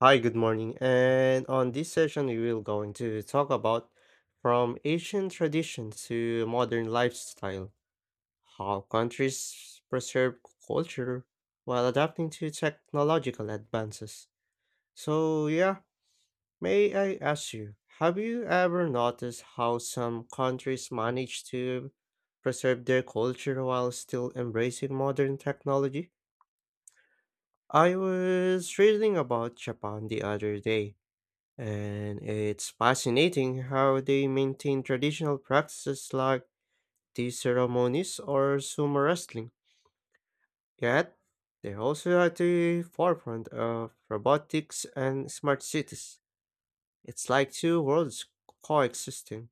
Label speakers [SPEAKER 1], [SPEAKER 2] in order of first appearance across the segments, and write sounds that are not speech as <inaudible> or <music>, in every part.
[SPEAKER 1] Hi, good morning. And on this session, we will going to talk about from ancient tradition to modern lifestyle, how countries preserve culture while adapting to technological advances. So, yeah, may I ask you, have you ever noticed how some countries manage to preserve their culture while still embracing modern technology? I was reading about Japan the other day. And it's fascinating how they maintain traditional practices like these ceremonies or sumo wrestling. Yet, they're also at the forefront of robotics and smart cities. It's like two worlds coexisting.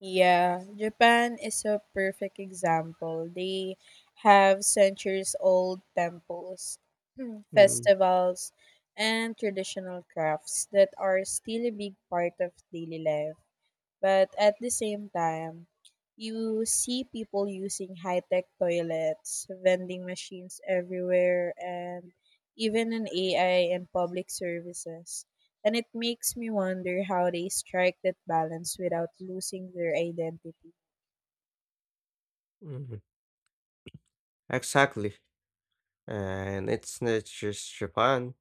[SPEAKER 2] Yeah, Japan is a perfect example. They have centuries old temples, <clears throat>
[SPEAKER 1] Mm,
[SPEAKER 2] festivals, and traditional crafts that are still a big part of daily life. But at the same time, you see people using high tech toilets, vending machines everywhere, and even an AI in public services. And it makes me wonder how they strike that balance without losing their identity.
[SPEAKER 1] mhm. Exactly. And it's not just Japan.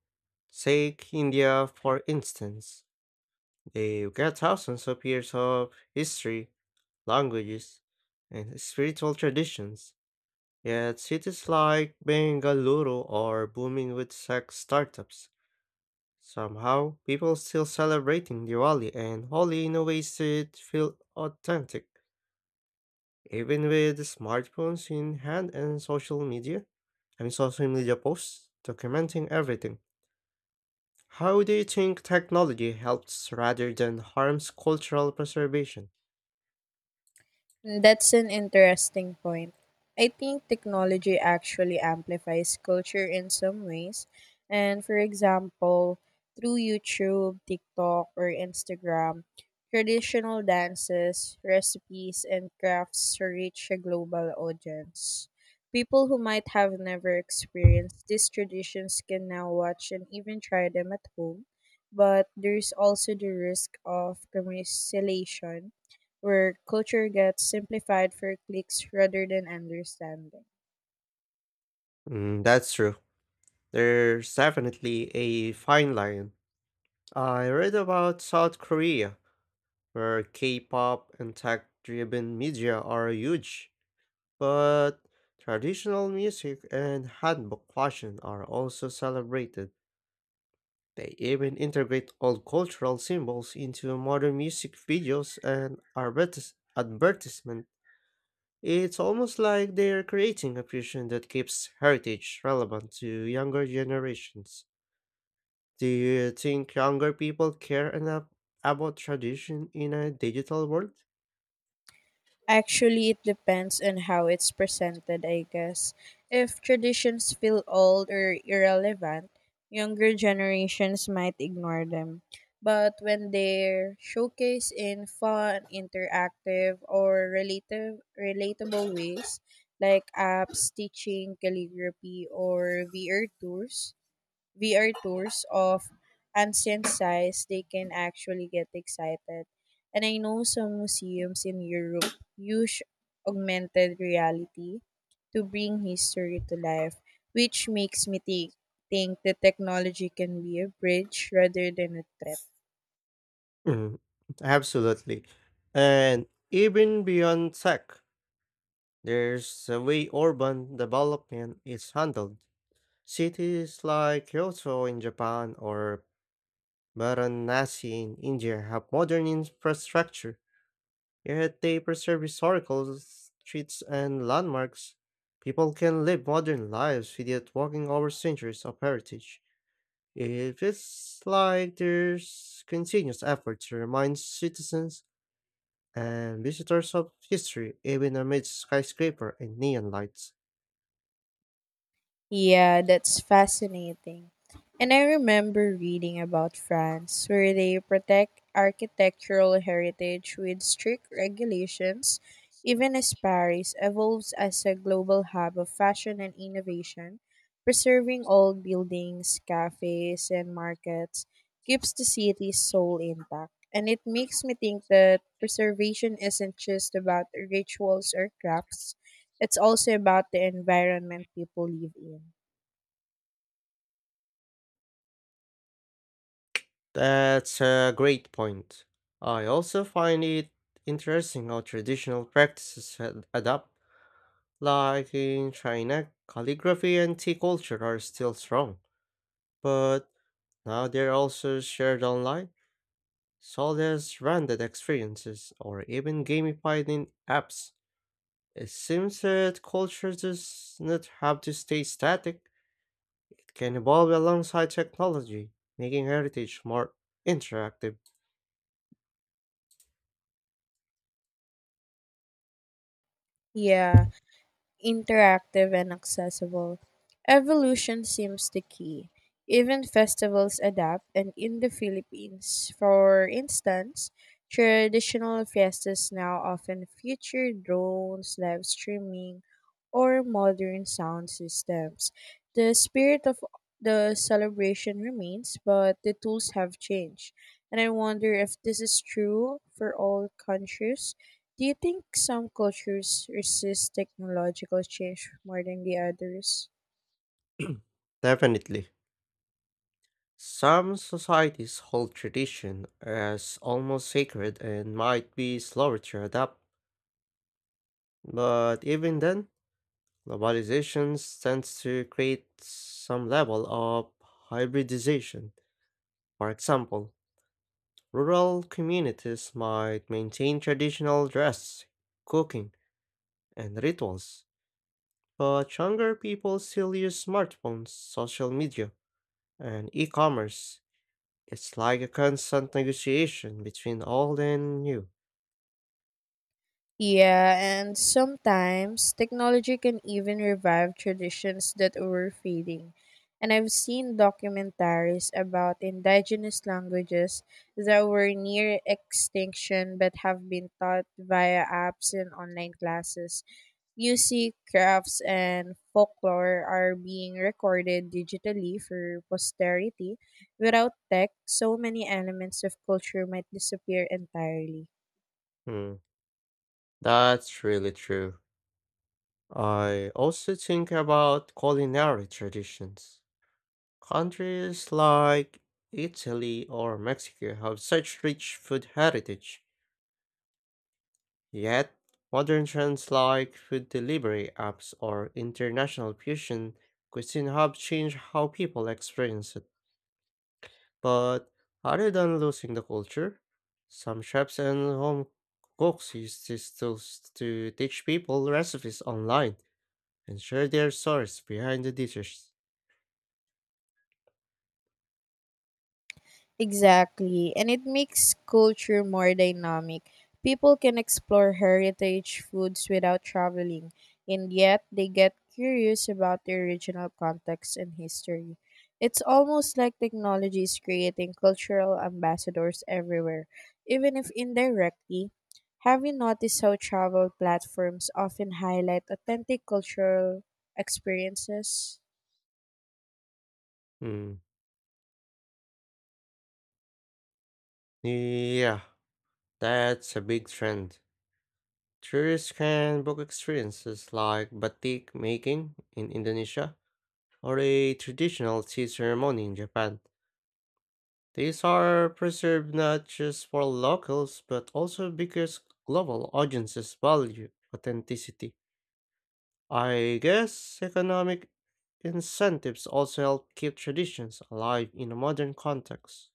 [SPEAKER 1] Take India, for instance. They've got thousands of years of history, languages, and spiritual traditions. Yet cities like Bengaluru are booming with tech startups. Somehow, people still celebrating Diwali and Holi in a ways that feel authentic, even with smartphones in hand and social media. I mean, social media posts documenting everything. How do you think technology helps rather than harms cultural preservation?
[SPEAKER 2] That's an interesting point. I think technology actually amplifies culture in some ways. And for example, through YouTube, TikTok, or Instagram, traditional dances, recipes, and crafts reach a global audience. People who might have never experienced these traditions can now watch and even try them at home. But there's also the risk of commercialization where culture gets simplified for clicks rather than understanding.
[SPEAKER 1] Mm, that's true. There's definitely a fine line. I read about South Korea where K-pop and tech-driven media are huge, but traditional music and hanbok fashion are also celebrated. They even integrate old cultural symbols into modern music videos and advertisement. It's almost like they're creating a fusion that keeps heritage relevant to younger generations. Do you think younger people care enough about tradition in a digital world?
[SPEAKER 2] Actually, it depends on how it's presented, I guess. If traditions feel old or irrelevant, younger generations might ignore them. But when they're showcased in fun, interactive, or relatable ways, like apps teaching calligraphy or VR tours of ancient sites, they can actually get excited. And I know some museums in Europe use augmented reality to bring history to life, which makes me think that technology can be a bridge rather than a threat.
[SPEAKER 1] Mhm. Absolutely. And even beyond tech, there's the way urban development is handled. Cities like Kyoto in Japan or Varanasi in India have modern infrastructure, yet they preserve historical streets and landmarks. People can live modern lives without walking over centuries of heritage. It feels like there's continuous effort to remind citizens and visitors of history, even amid skyscraper and neon lights.
[SPEAKER 2] Yeah, that's fascinating. And I remember reading about France, where they protect architectural heritage with strict regulations, even as Paris evolves as a global hub of fashion and innovation. Preserving old buildings, cafes, and markets keeps the city's soul intact. And it makes me think that preservation isn't just about rituals or crafts, it's also about the environment people live in.
[SPEAKER 1] That's a great point. I also find it interesting how traditional practices had adapt. Like in China, calligraphy and tea culture are still strong, but now they're also shared online, sold as branded experiences or even gamified in apps. It seems that culture does not have to stay static. Can evolve alongside technology, making heritage more interactive.
[SPEAKER 2] Yeah, interactive and accessible. Evolution seems the key. Even festivals adapt, and in the Philippines, for instance, traditional fiestas now often feature drones, live streaming, or modern sound systems. The spirit of the celebration remains, but the tools have changed. And I wonder if this is true for all countries. Do you think some cultures resist technological change more than the others?
[SPEAKER 1] Definitely. Some societies hold tradition as almost sacred and might be slower to adapt, but even then, globalization tends to create some level of hybridization. For example, rural communities might maintain traditional dress, cooking, and rituals, but younger people still use smartphones, social media, and e commerce. It's like a constant negotiation between old and new.
[SPEAKER 2] Yeah, and sometimes technology can even revive traditions that were fading. And I've seen documentaries about indigenous languages that were near extinction but have been taught via apps and online classes. Music, crafts, and folklore are being recorded digitally for posterity. Without tech, so many elements of culture might disappear entirely.
[SPEAKER 1] Hmm, that's really true. I also think about culinary traditions. Countries like Italy or Mexico have such rich food heritage, yet, modern trends like food delivery apps or international fusion cuisine have changed how people experience it. But other than losing the culture, some chefs and home cooks use these tools to teach people recipes online and share their stories behind the dishes.
[SPEAKER 2] Exactly. And it makes culture more dynamic. People can explore heritage foods without traveling, and yet they get curious about the original context and history. It's almost like technology is creating cultural ambassadors everywhere, even if indirectly. Have you noticed how travel platforms often highlight authentic cultural experiences?
[SPEAKER 1] Hmm. Yeah, that's a big trend. Tourists can book experiences like batik making in Indonesia or a traditional tea ceremony in Japan. These are preserved not just for locals, but also because global audiences value authenticity. I guess economic incentives also help keep traditions alive in a modern context.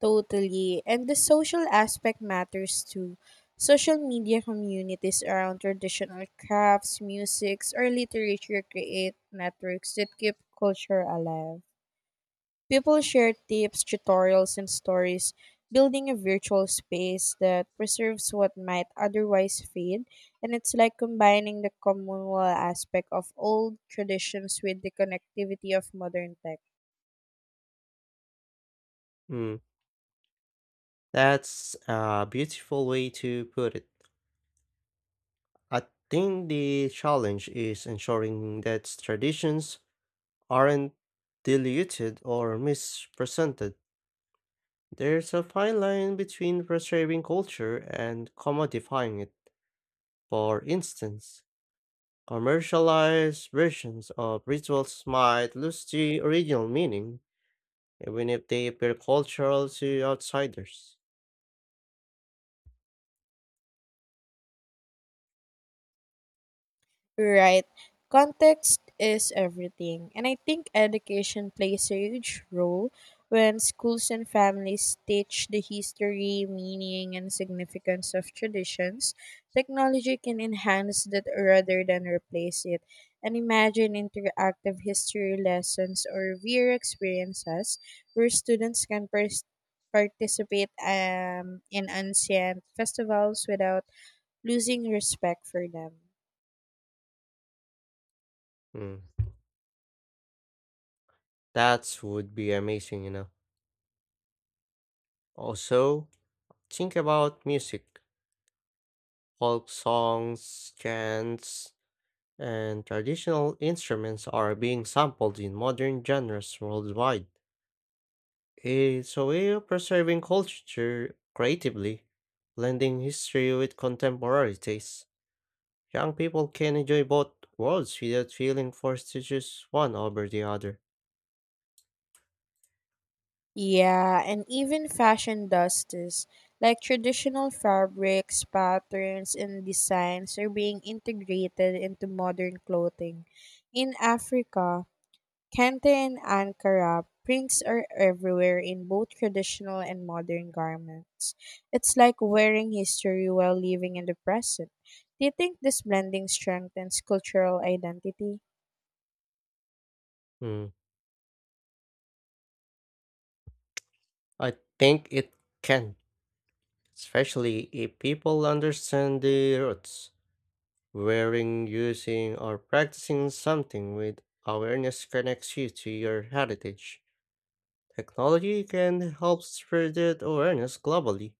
[SPEAKER 2] Totally. And the social aspect matters too. Social media communities around traditional crafts, musics, or literature create networks that keep culture alive. People share tips, tutorials, and stories, building a virtual space that preserves what might otherwise fade. And it's like combining the communal aspect of old traditions with the connectivity of modern tech.
[SPEAKER 1] Hmm, that's a beautiful way to put it. I think the challenge is ensuring that traditions aren't diluted or misrepresented. There's a fine line between preserving culture and commodifying it. For instance, commercialized versions of rituals might lose the original meaning, even if they appear cultural to outsiders.
[SPEAKER 2] Right. Context is everything. And I think education plays a huge role when schools and families teach the history, meaning, and significance of traditions. Technology can enhance that rather than replace it. And imagine interactive history lessons or VR experiences where students can participate in ancient festivals without losing respect for them.
[SPEAKER 1] Hmm, that would be amazing, you know. Also, think about music. Folk songs, chants, and traditional instruments are being sampled in modern genres worldwide. It's a way of preserving culture creatively, blending history with contemporary tastes. Young people can enjoy both worlds without feeling forced to choose one over the other.
[SPEAKER 2] Yeah, and even fashion does this. Like traditional fabrics, patterns, and designs are being integrated into modern clothing. In Africa, Kente and Ankara, prints are everywhere in both traditional and modern garments. It's like wearing history while living in the present. Do you think this blending strengthens cultural identity?
[SPEAKER 1] Hmm, I think it can, especially if people understand the roots. Wearing, using, or practicing something with awareness connects you to your heritage. Technology can help spread that awareness globally.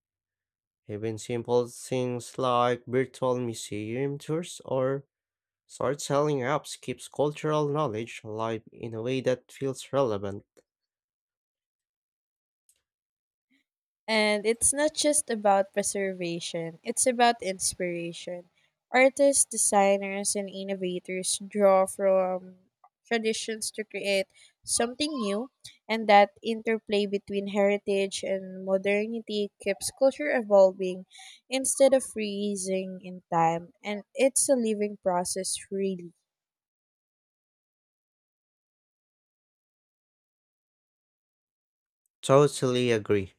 [SPEAKER 1] Even simple things like virtual museum tours or storytelling apps keeps cultural knowledge alive in a way that feels relevant.
[SPEAKER 2] And it's not just about preservation, it's about inspiration. Artists, designers, and innovators draw from traditions to create something new, and that interplay between heritage and modernity keeps culture evolving instead of freezing in time. And it's a living process, really.
[SPEAKER 1] Totally agree.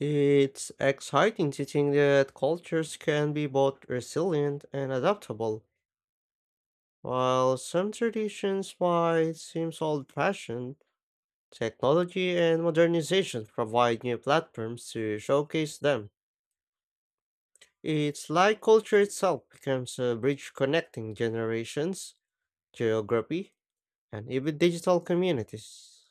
[SPEAKER 1] It's exciting to think that cultures can be both resilient and adaptable. While some traditions might seem old-fashioned, technology and modernization provide new platforms to showcase them. It's like culture itself becomes a bridge connecting generations, geography, and even digital communities.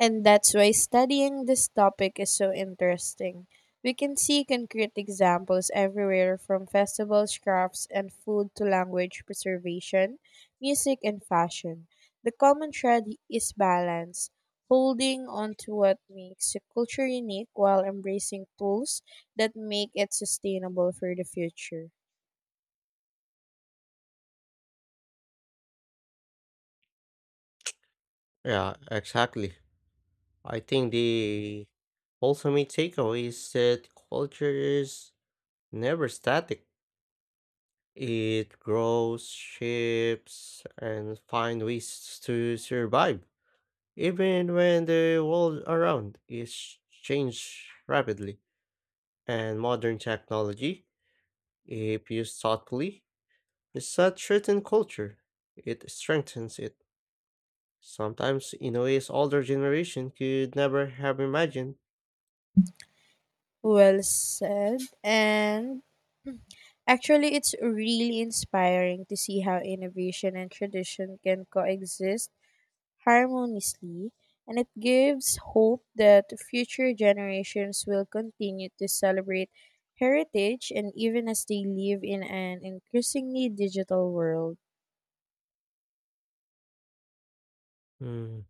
[SPEAKER 2] And that's why studying this topic is so interesting. We can see concrete examples everywhere from festivals, crafts, and food to language preservation, music, and fashion. The common thread is balance, holding on to what makes a culture unique while embracing tools that make it sustainable for the future.
[SPEAKER 1] Yeah, exactly. I think the ultimate takeaway is that culture is never static. It grows, shapes, and finds ways to survive, even when the world around is changed rapidly. And modern technology, if used thoughtfully, it's besides certain culture, it strengthens it, sometimes in ways older generation could never have imagined.
[SPEAKER 2] Well said. And Actually, it's really inspiring to see how innovation and tradition can coexist harmoniously, and it gives hope that future generations will continue to celebrate heritage and even as they live in an increasingly digital world.
[SPEAKER 1] Mm,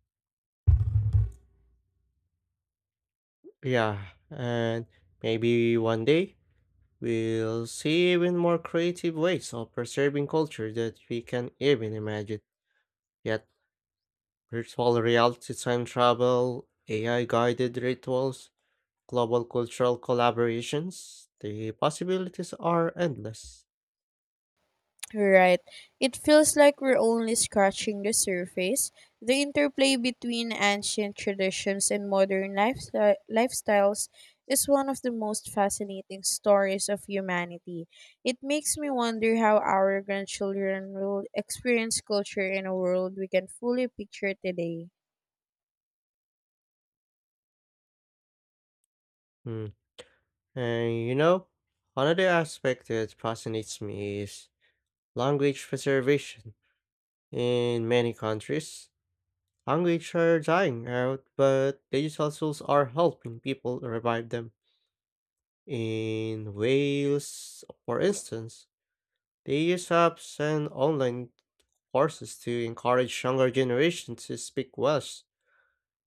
[SPEAKER 1] yeah, and maybe one day we'll see even more creative ways of preserving culture that we can even imagine. Yet, virtual reality time travel, AI guided rituals, global cultural collaborations, the possibilities are endless.
[SPEAKER 2] Right. It feels like we're only scratching the surface. The interplay between ancient traditions and modern lifestyles is one of the most fascinating stories of humanity. It makes me wonder how our grandchildren will experience culture in a world we can fully picture today.
[SPEAKER 1] Mm. And you know, another aspect that fascinates me is language preservation. In many countries, languages are dying out, but digital tools are helping people revive them. In Wales, for instance, they use apps and online courses to encourage younger generations to speak Welsh,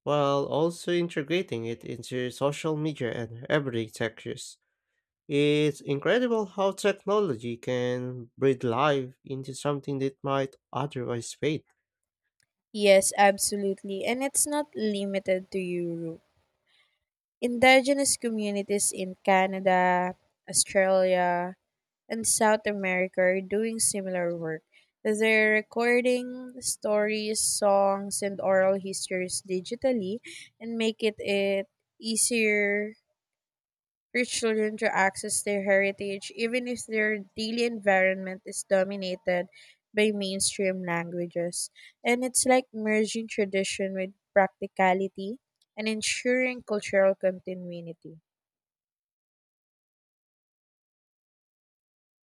[SPEAKER 1] while also integrating it into social media and everyday tech use. It's incredible how technology can breathe life into something that might otherwise fade.
[SPEAKER 2] Yes, absolutely. And it's not limited to Europe. Indigenous communities in Canada, Australia, and South America are doing similar work. They're recording stories, songs, and oral histories digitally and make it easier for children to access their heritage, even if their daily environment is dominated by mainstream languages. And it's like merging tradition with practicality and ensuring cultural continuity.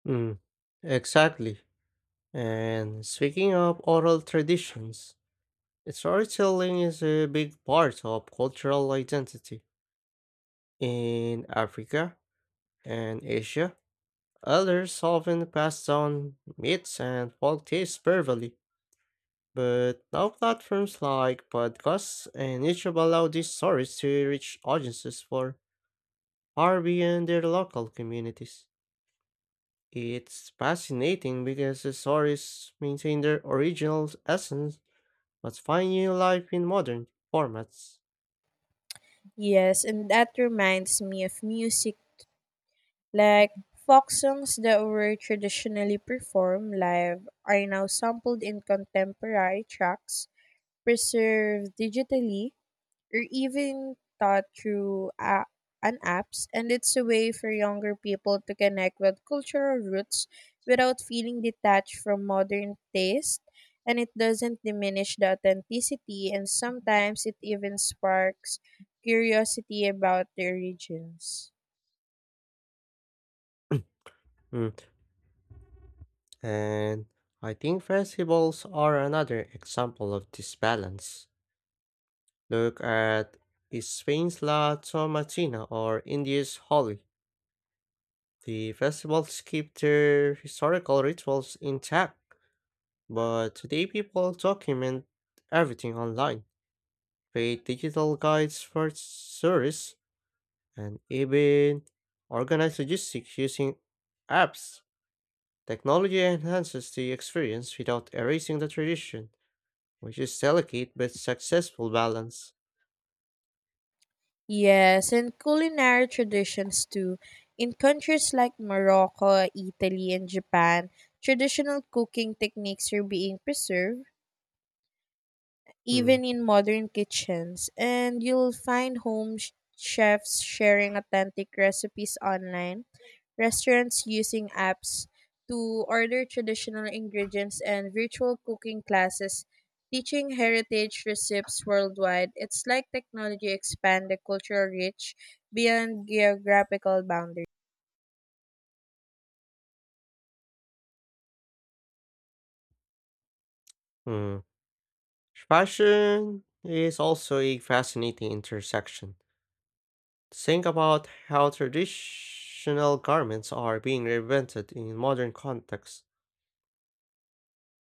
[SPEAKER 1] Mm, exactly. And speaking of oral traditions, storytelling is a big part of cultural identity. In Africa and Asia, elders often pass down myths and folk tales verbally, but now platforms like podcasts and YouTube allow these stories to reach audiences for far beyond their local communities. It's fascinating because the stories maintain their original essence but find new life in modern formats.
[SPEAKER 2] Yes, and that reminds me of music. Like folk songs that were traditionally performed live are now sampled in contemporary tracks, preserved digitally, or even taught through an apps, and it's a way for younger people to connect with cultural roots without feeling detached from modern taste. And it doesn't diminish the authenticity, and sometimes it even sparks curiosity about the origins.
[SPEAKER 1] Mm, and I think festivals are another example of this balance. Look at Spain's La Tomatina or India's Holi. The festivals keep their historical rituals intact, but today people document everything online, create digital guides for search, and even organize logistics using apps. Technology enhances the experience without erasing the tradition, which is delicate but successful balance.
[SPEAKER 2] Yes, and culinary traditions too. In countries like Morocco, Italy, and Japan, traditional cooking techniques are being preserved
[SPEAKER 1] Hmm.
[SPEAKER 2] even in modern kitchens. And you'll find home chefs sharing authentic recipes online, restaurants using apps to order traditional ingredients, and virtual cooking classes teaching heritage recipes worldwide. It's like technology expand the cultural reach beyond geographical boundaries.
[SPEAKER 1] Hmm. Fashion is also a fascinating intersection. Think about how traditional garments are being reinvented in modern contexts.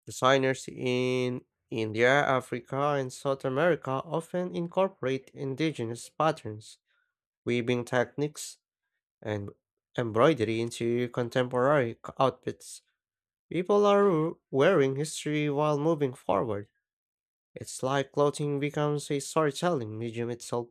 [SPEAKER 1] Designers in India, Africa, and South America often incorporate indigenous patterns, weaving techniques, and embroidery into contemporary outfits. People are wearing history while moving forward. It's like clothing becomes a storytelling medium itself.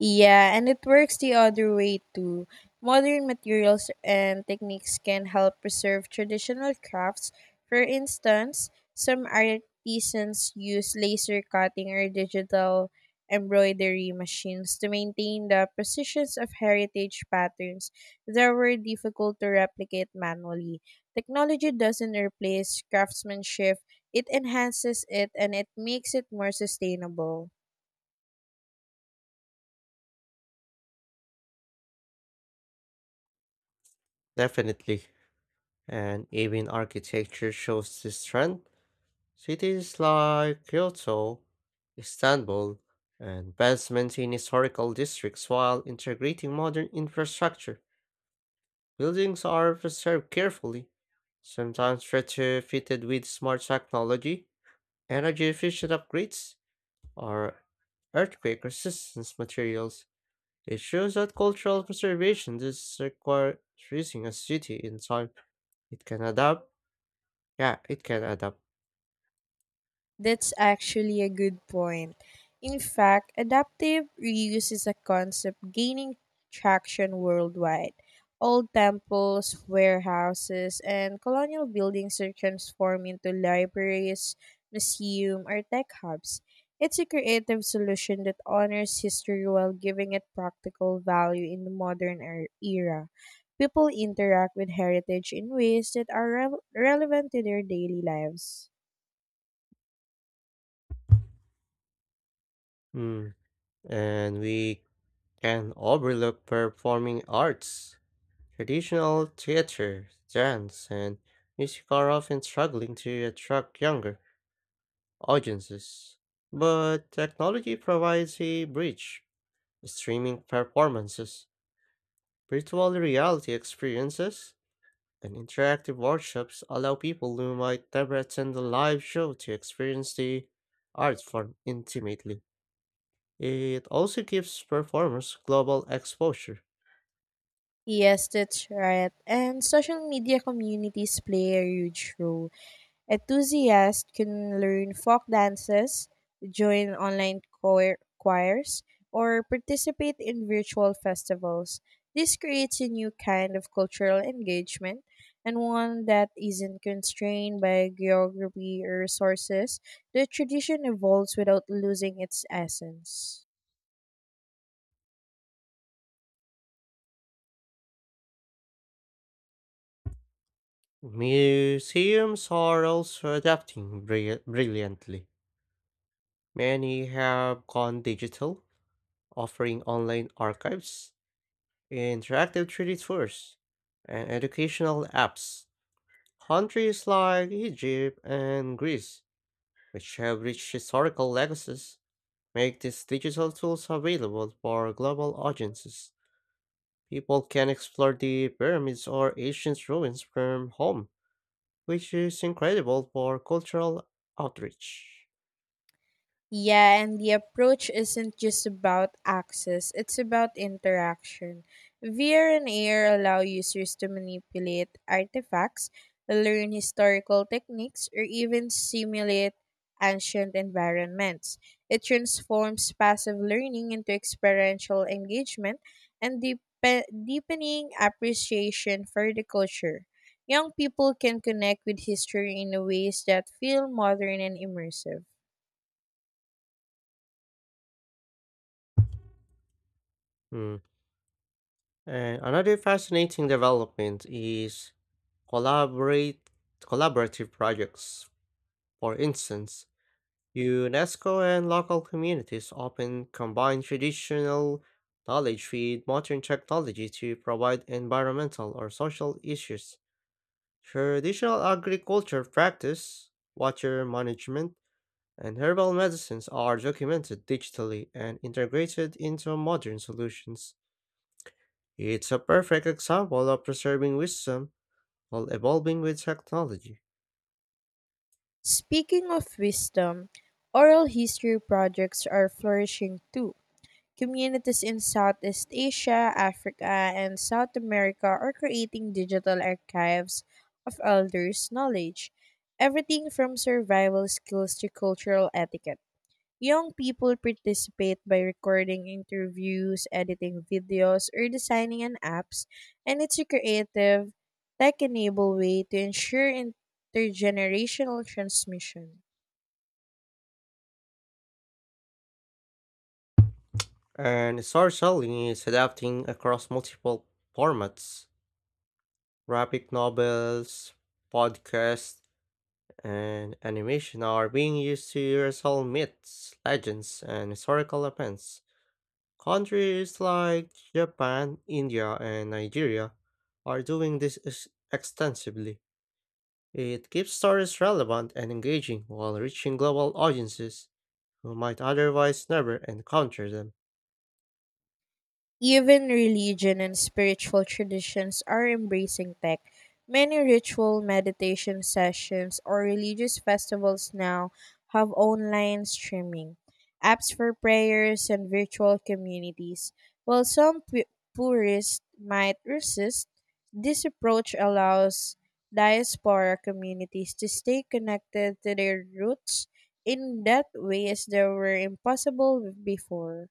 [SPEAKER 2] Yeah, and it works the other way too. Modern materials and techniques can help preserve traditional crafts. For instance, some artisans use laser cutting or digital embroidery machines to maintain the precisions of heritage patterns that were difficult to replicate manually. Technology doesn't replace craftsmanship, it enhances it and it makes it more sustainable.
[SPEAKER 1] Definitely. And even architecture shows this trend. Cities like Kyoto, Istanbul, and Venice maintain historical districts while integrating modern infrastructure. Buildings are preserved carefully, sometimes retrofitted with smart technology, energy efficient upgrades, or earthquake resistance materials. It shows that cultural preservation does require freezing a city in time. It can adapt. Yeah, it can adapt.
[SPEAKER 2] That's actually a good point. In fact, adaptive reuse is a concept gaining traction worldwide. Old temples, warehouses, and colonial buildings are transformed into libraries, museum, or tech hubs. It's a creative solution that honors history while giving it practical value in the modern era. People interact with heritage in ways that are relevant to their daily lives.
[SPEAKER 1] Mm. And we can overlook performing arts. Traditional theater, dance, and music are often struggling to attract younger audiences. But technology provides a bridge. Streaming performances, virtual reality experiences, and interactive workshops allow people who might never attend a live show to experience the art form intimately. It also gives performers global exposure.
[SPEAKER 2] Yes, that's right. And social media communities play a huge role. Enthusiasts can learn folk dances, join online choirs, or participate in virtual festivals. This creates a new kind of cultural engagement and one that isn't constrained by geography or resources. The tradition evolves without losing its essence.
[SPEAKER 1] Museums are also adapting brilliantly. Many have gone digital, offering online archives, interactive 3D tours, and educational apps. Countries like Egypt and Greece, which have rich historical legacies, make these digital tools available for global audiences. People can explore the pyramids or ancient ruins from home, which is incredible for cultural outreach.
[SPEAKER 2] Yeah, and the approach isn't just about access, it's about interaction. VR and AR allow users to manipulate artifacts, learn historical techniques, or even simulate ancient environments. It transforms passive learning into experiential engagement and deepening appreciation for the culture. Young people can connect with history in ways that feel modern and immersive.
[SPEAKER 1] Hmm. And another fascinating development is collaborate collaborative projects. For instance, UNESCO and local communities often combine traditional knowledge with modern technology to provide environmental or social issues. Traditional agriculture practice, water management, and herbal medicines are documented digitally and integrated into modern solutions. It's a perfect example of preserving wisdom while evolving with technology.
[SPEAKER 2] Speaking of wisdom, oral history projects are flourishing too. Communities in Southeast Asia, Africa, and South America are creating digital archives of elders' knowledge, everything from survival skills to cultural etiquette. Young people participate by recording interviews, editing videos, or designing an apps, and it's a creative, tech-enabled way to ensure intergenerational transmission.
[SPEAKER 1] And storytelling is adapting across multiple formats. Graphic novels, podcasts, and animation are being used to retell myths, legends, and historical events. Countries like Japan, India, and Nigeria are doing this extensively. It keeps stories relevant and engaging while reaching global audiences who might otherwise never encounter them.
[SPEAKER 2] Even religion and spiritual traditions are embracing tech. Many ritual meditation sessions or religious festivals now have online streaming, apps for prayers, and virtual communities. While some purists might resist, this approach allows diaspora communities to stay connected to their roots in that ways that were impossible before.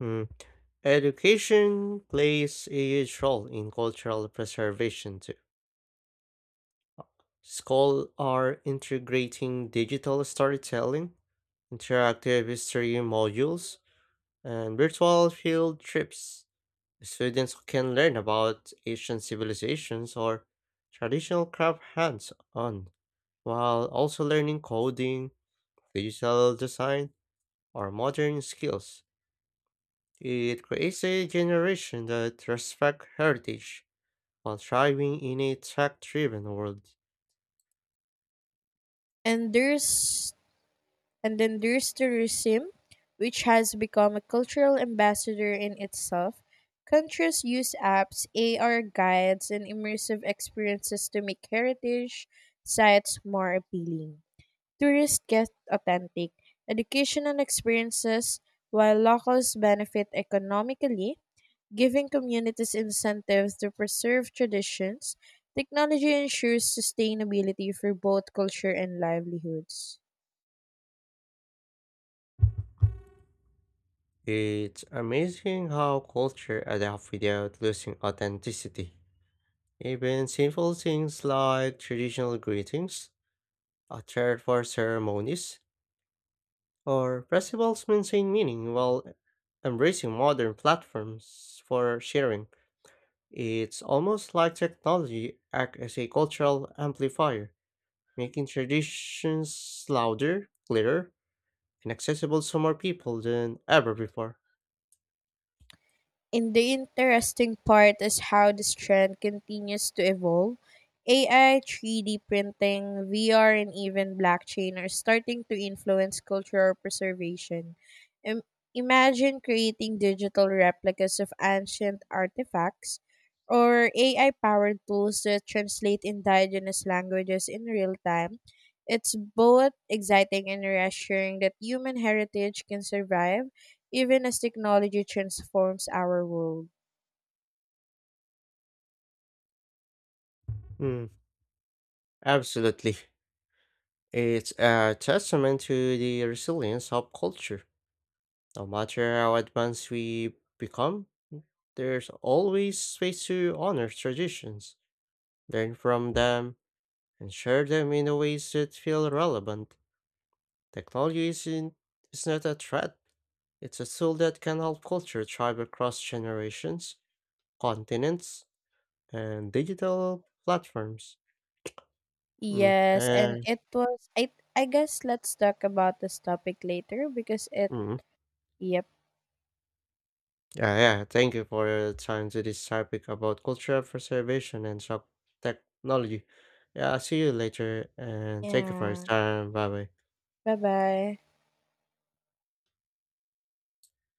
[SPEAKER 1] Hmm. Education plays a huge role in cultural preservation too. Schools are integrating digital storytelling, interactive history modules, and virtual field trips. Students can learn about ancient civilizations or traditional craft hands on, while also learning coding, digital design, or modern skills. It creates a generation that respects heritage while thriving in a tech driven world.
[SPEAKER 2] And there's And then there's tourism, which has become a cultural ambassador in itself. Countries use apps, AR guides, and immersive experiences to make heritage sites more appealing. Tourists get authentic education and experiences, while locals benefit economically, giving communities incentives to preserve traditions. Technology ensures sustainability for both culture and livelihoods.
[SPEAKER 1] It's amazing how culture adapts without losing authenticity. Even simple things like traditional greetings, a chair for ceremonies, or festivals maintain meaning while embracing modern platforms for sharing. It's almost like technology acts as a cultural amplifier, making traditions louder, clearer, and accessible to more people than ever before.
[SPEAKER 2] And the interesting part is how this trend continues to evolve. AI, 3D printing, VR, and even blockchain are starting to influence cultural preservation. Im- Imagine creating digital replicas of ancient artifacts or AI powered tools that translate indigenous languages in real time. It's both exciting and reassuring that human heritage can survive even as technology transforms our world.
[SPEAKER 1] Mm, absolutely. It's a testament to the resilience of culture. No matter how advanced we become, there's always space to honor traditions, learn from them, and share them in a ways that feel relevant. Technology isn't is not a threat. It's a tool that can help culture thrive across generations, continents, and digital platforms. Mm,
[SPEAKER 2] Yes, and
[SPEAKER 1] and
[SPEAKER 2] it was I guess let's talk about this topic later because it
[SPEAKER 1] mm,
[SPEAKER 2] yep.
[SPEAKER 1] yeah, yeah. Thank you for your time to this topic about cultural preservation and sub technology. Yeah, I'll see you later, and thank you for your
[SPEAKER 2] Yeah.
[SPEAKER 1] time. Bye bye.
[SPEAKER 2] Bye-bye.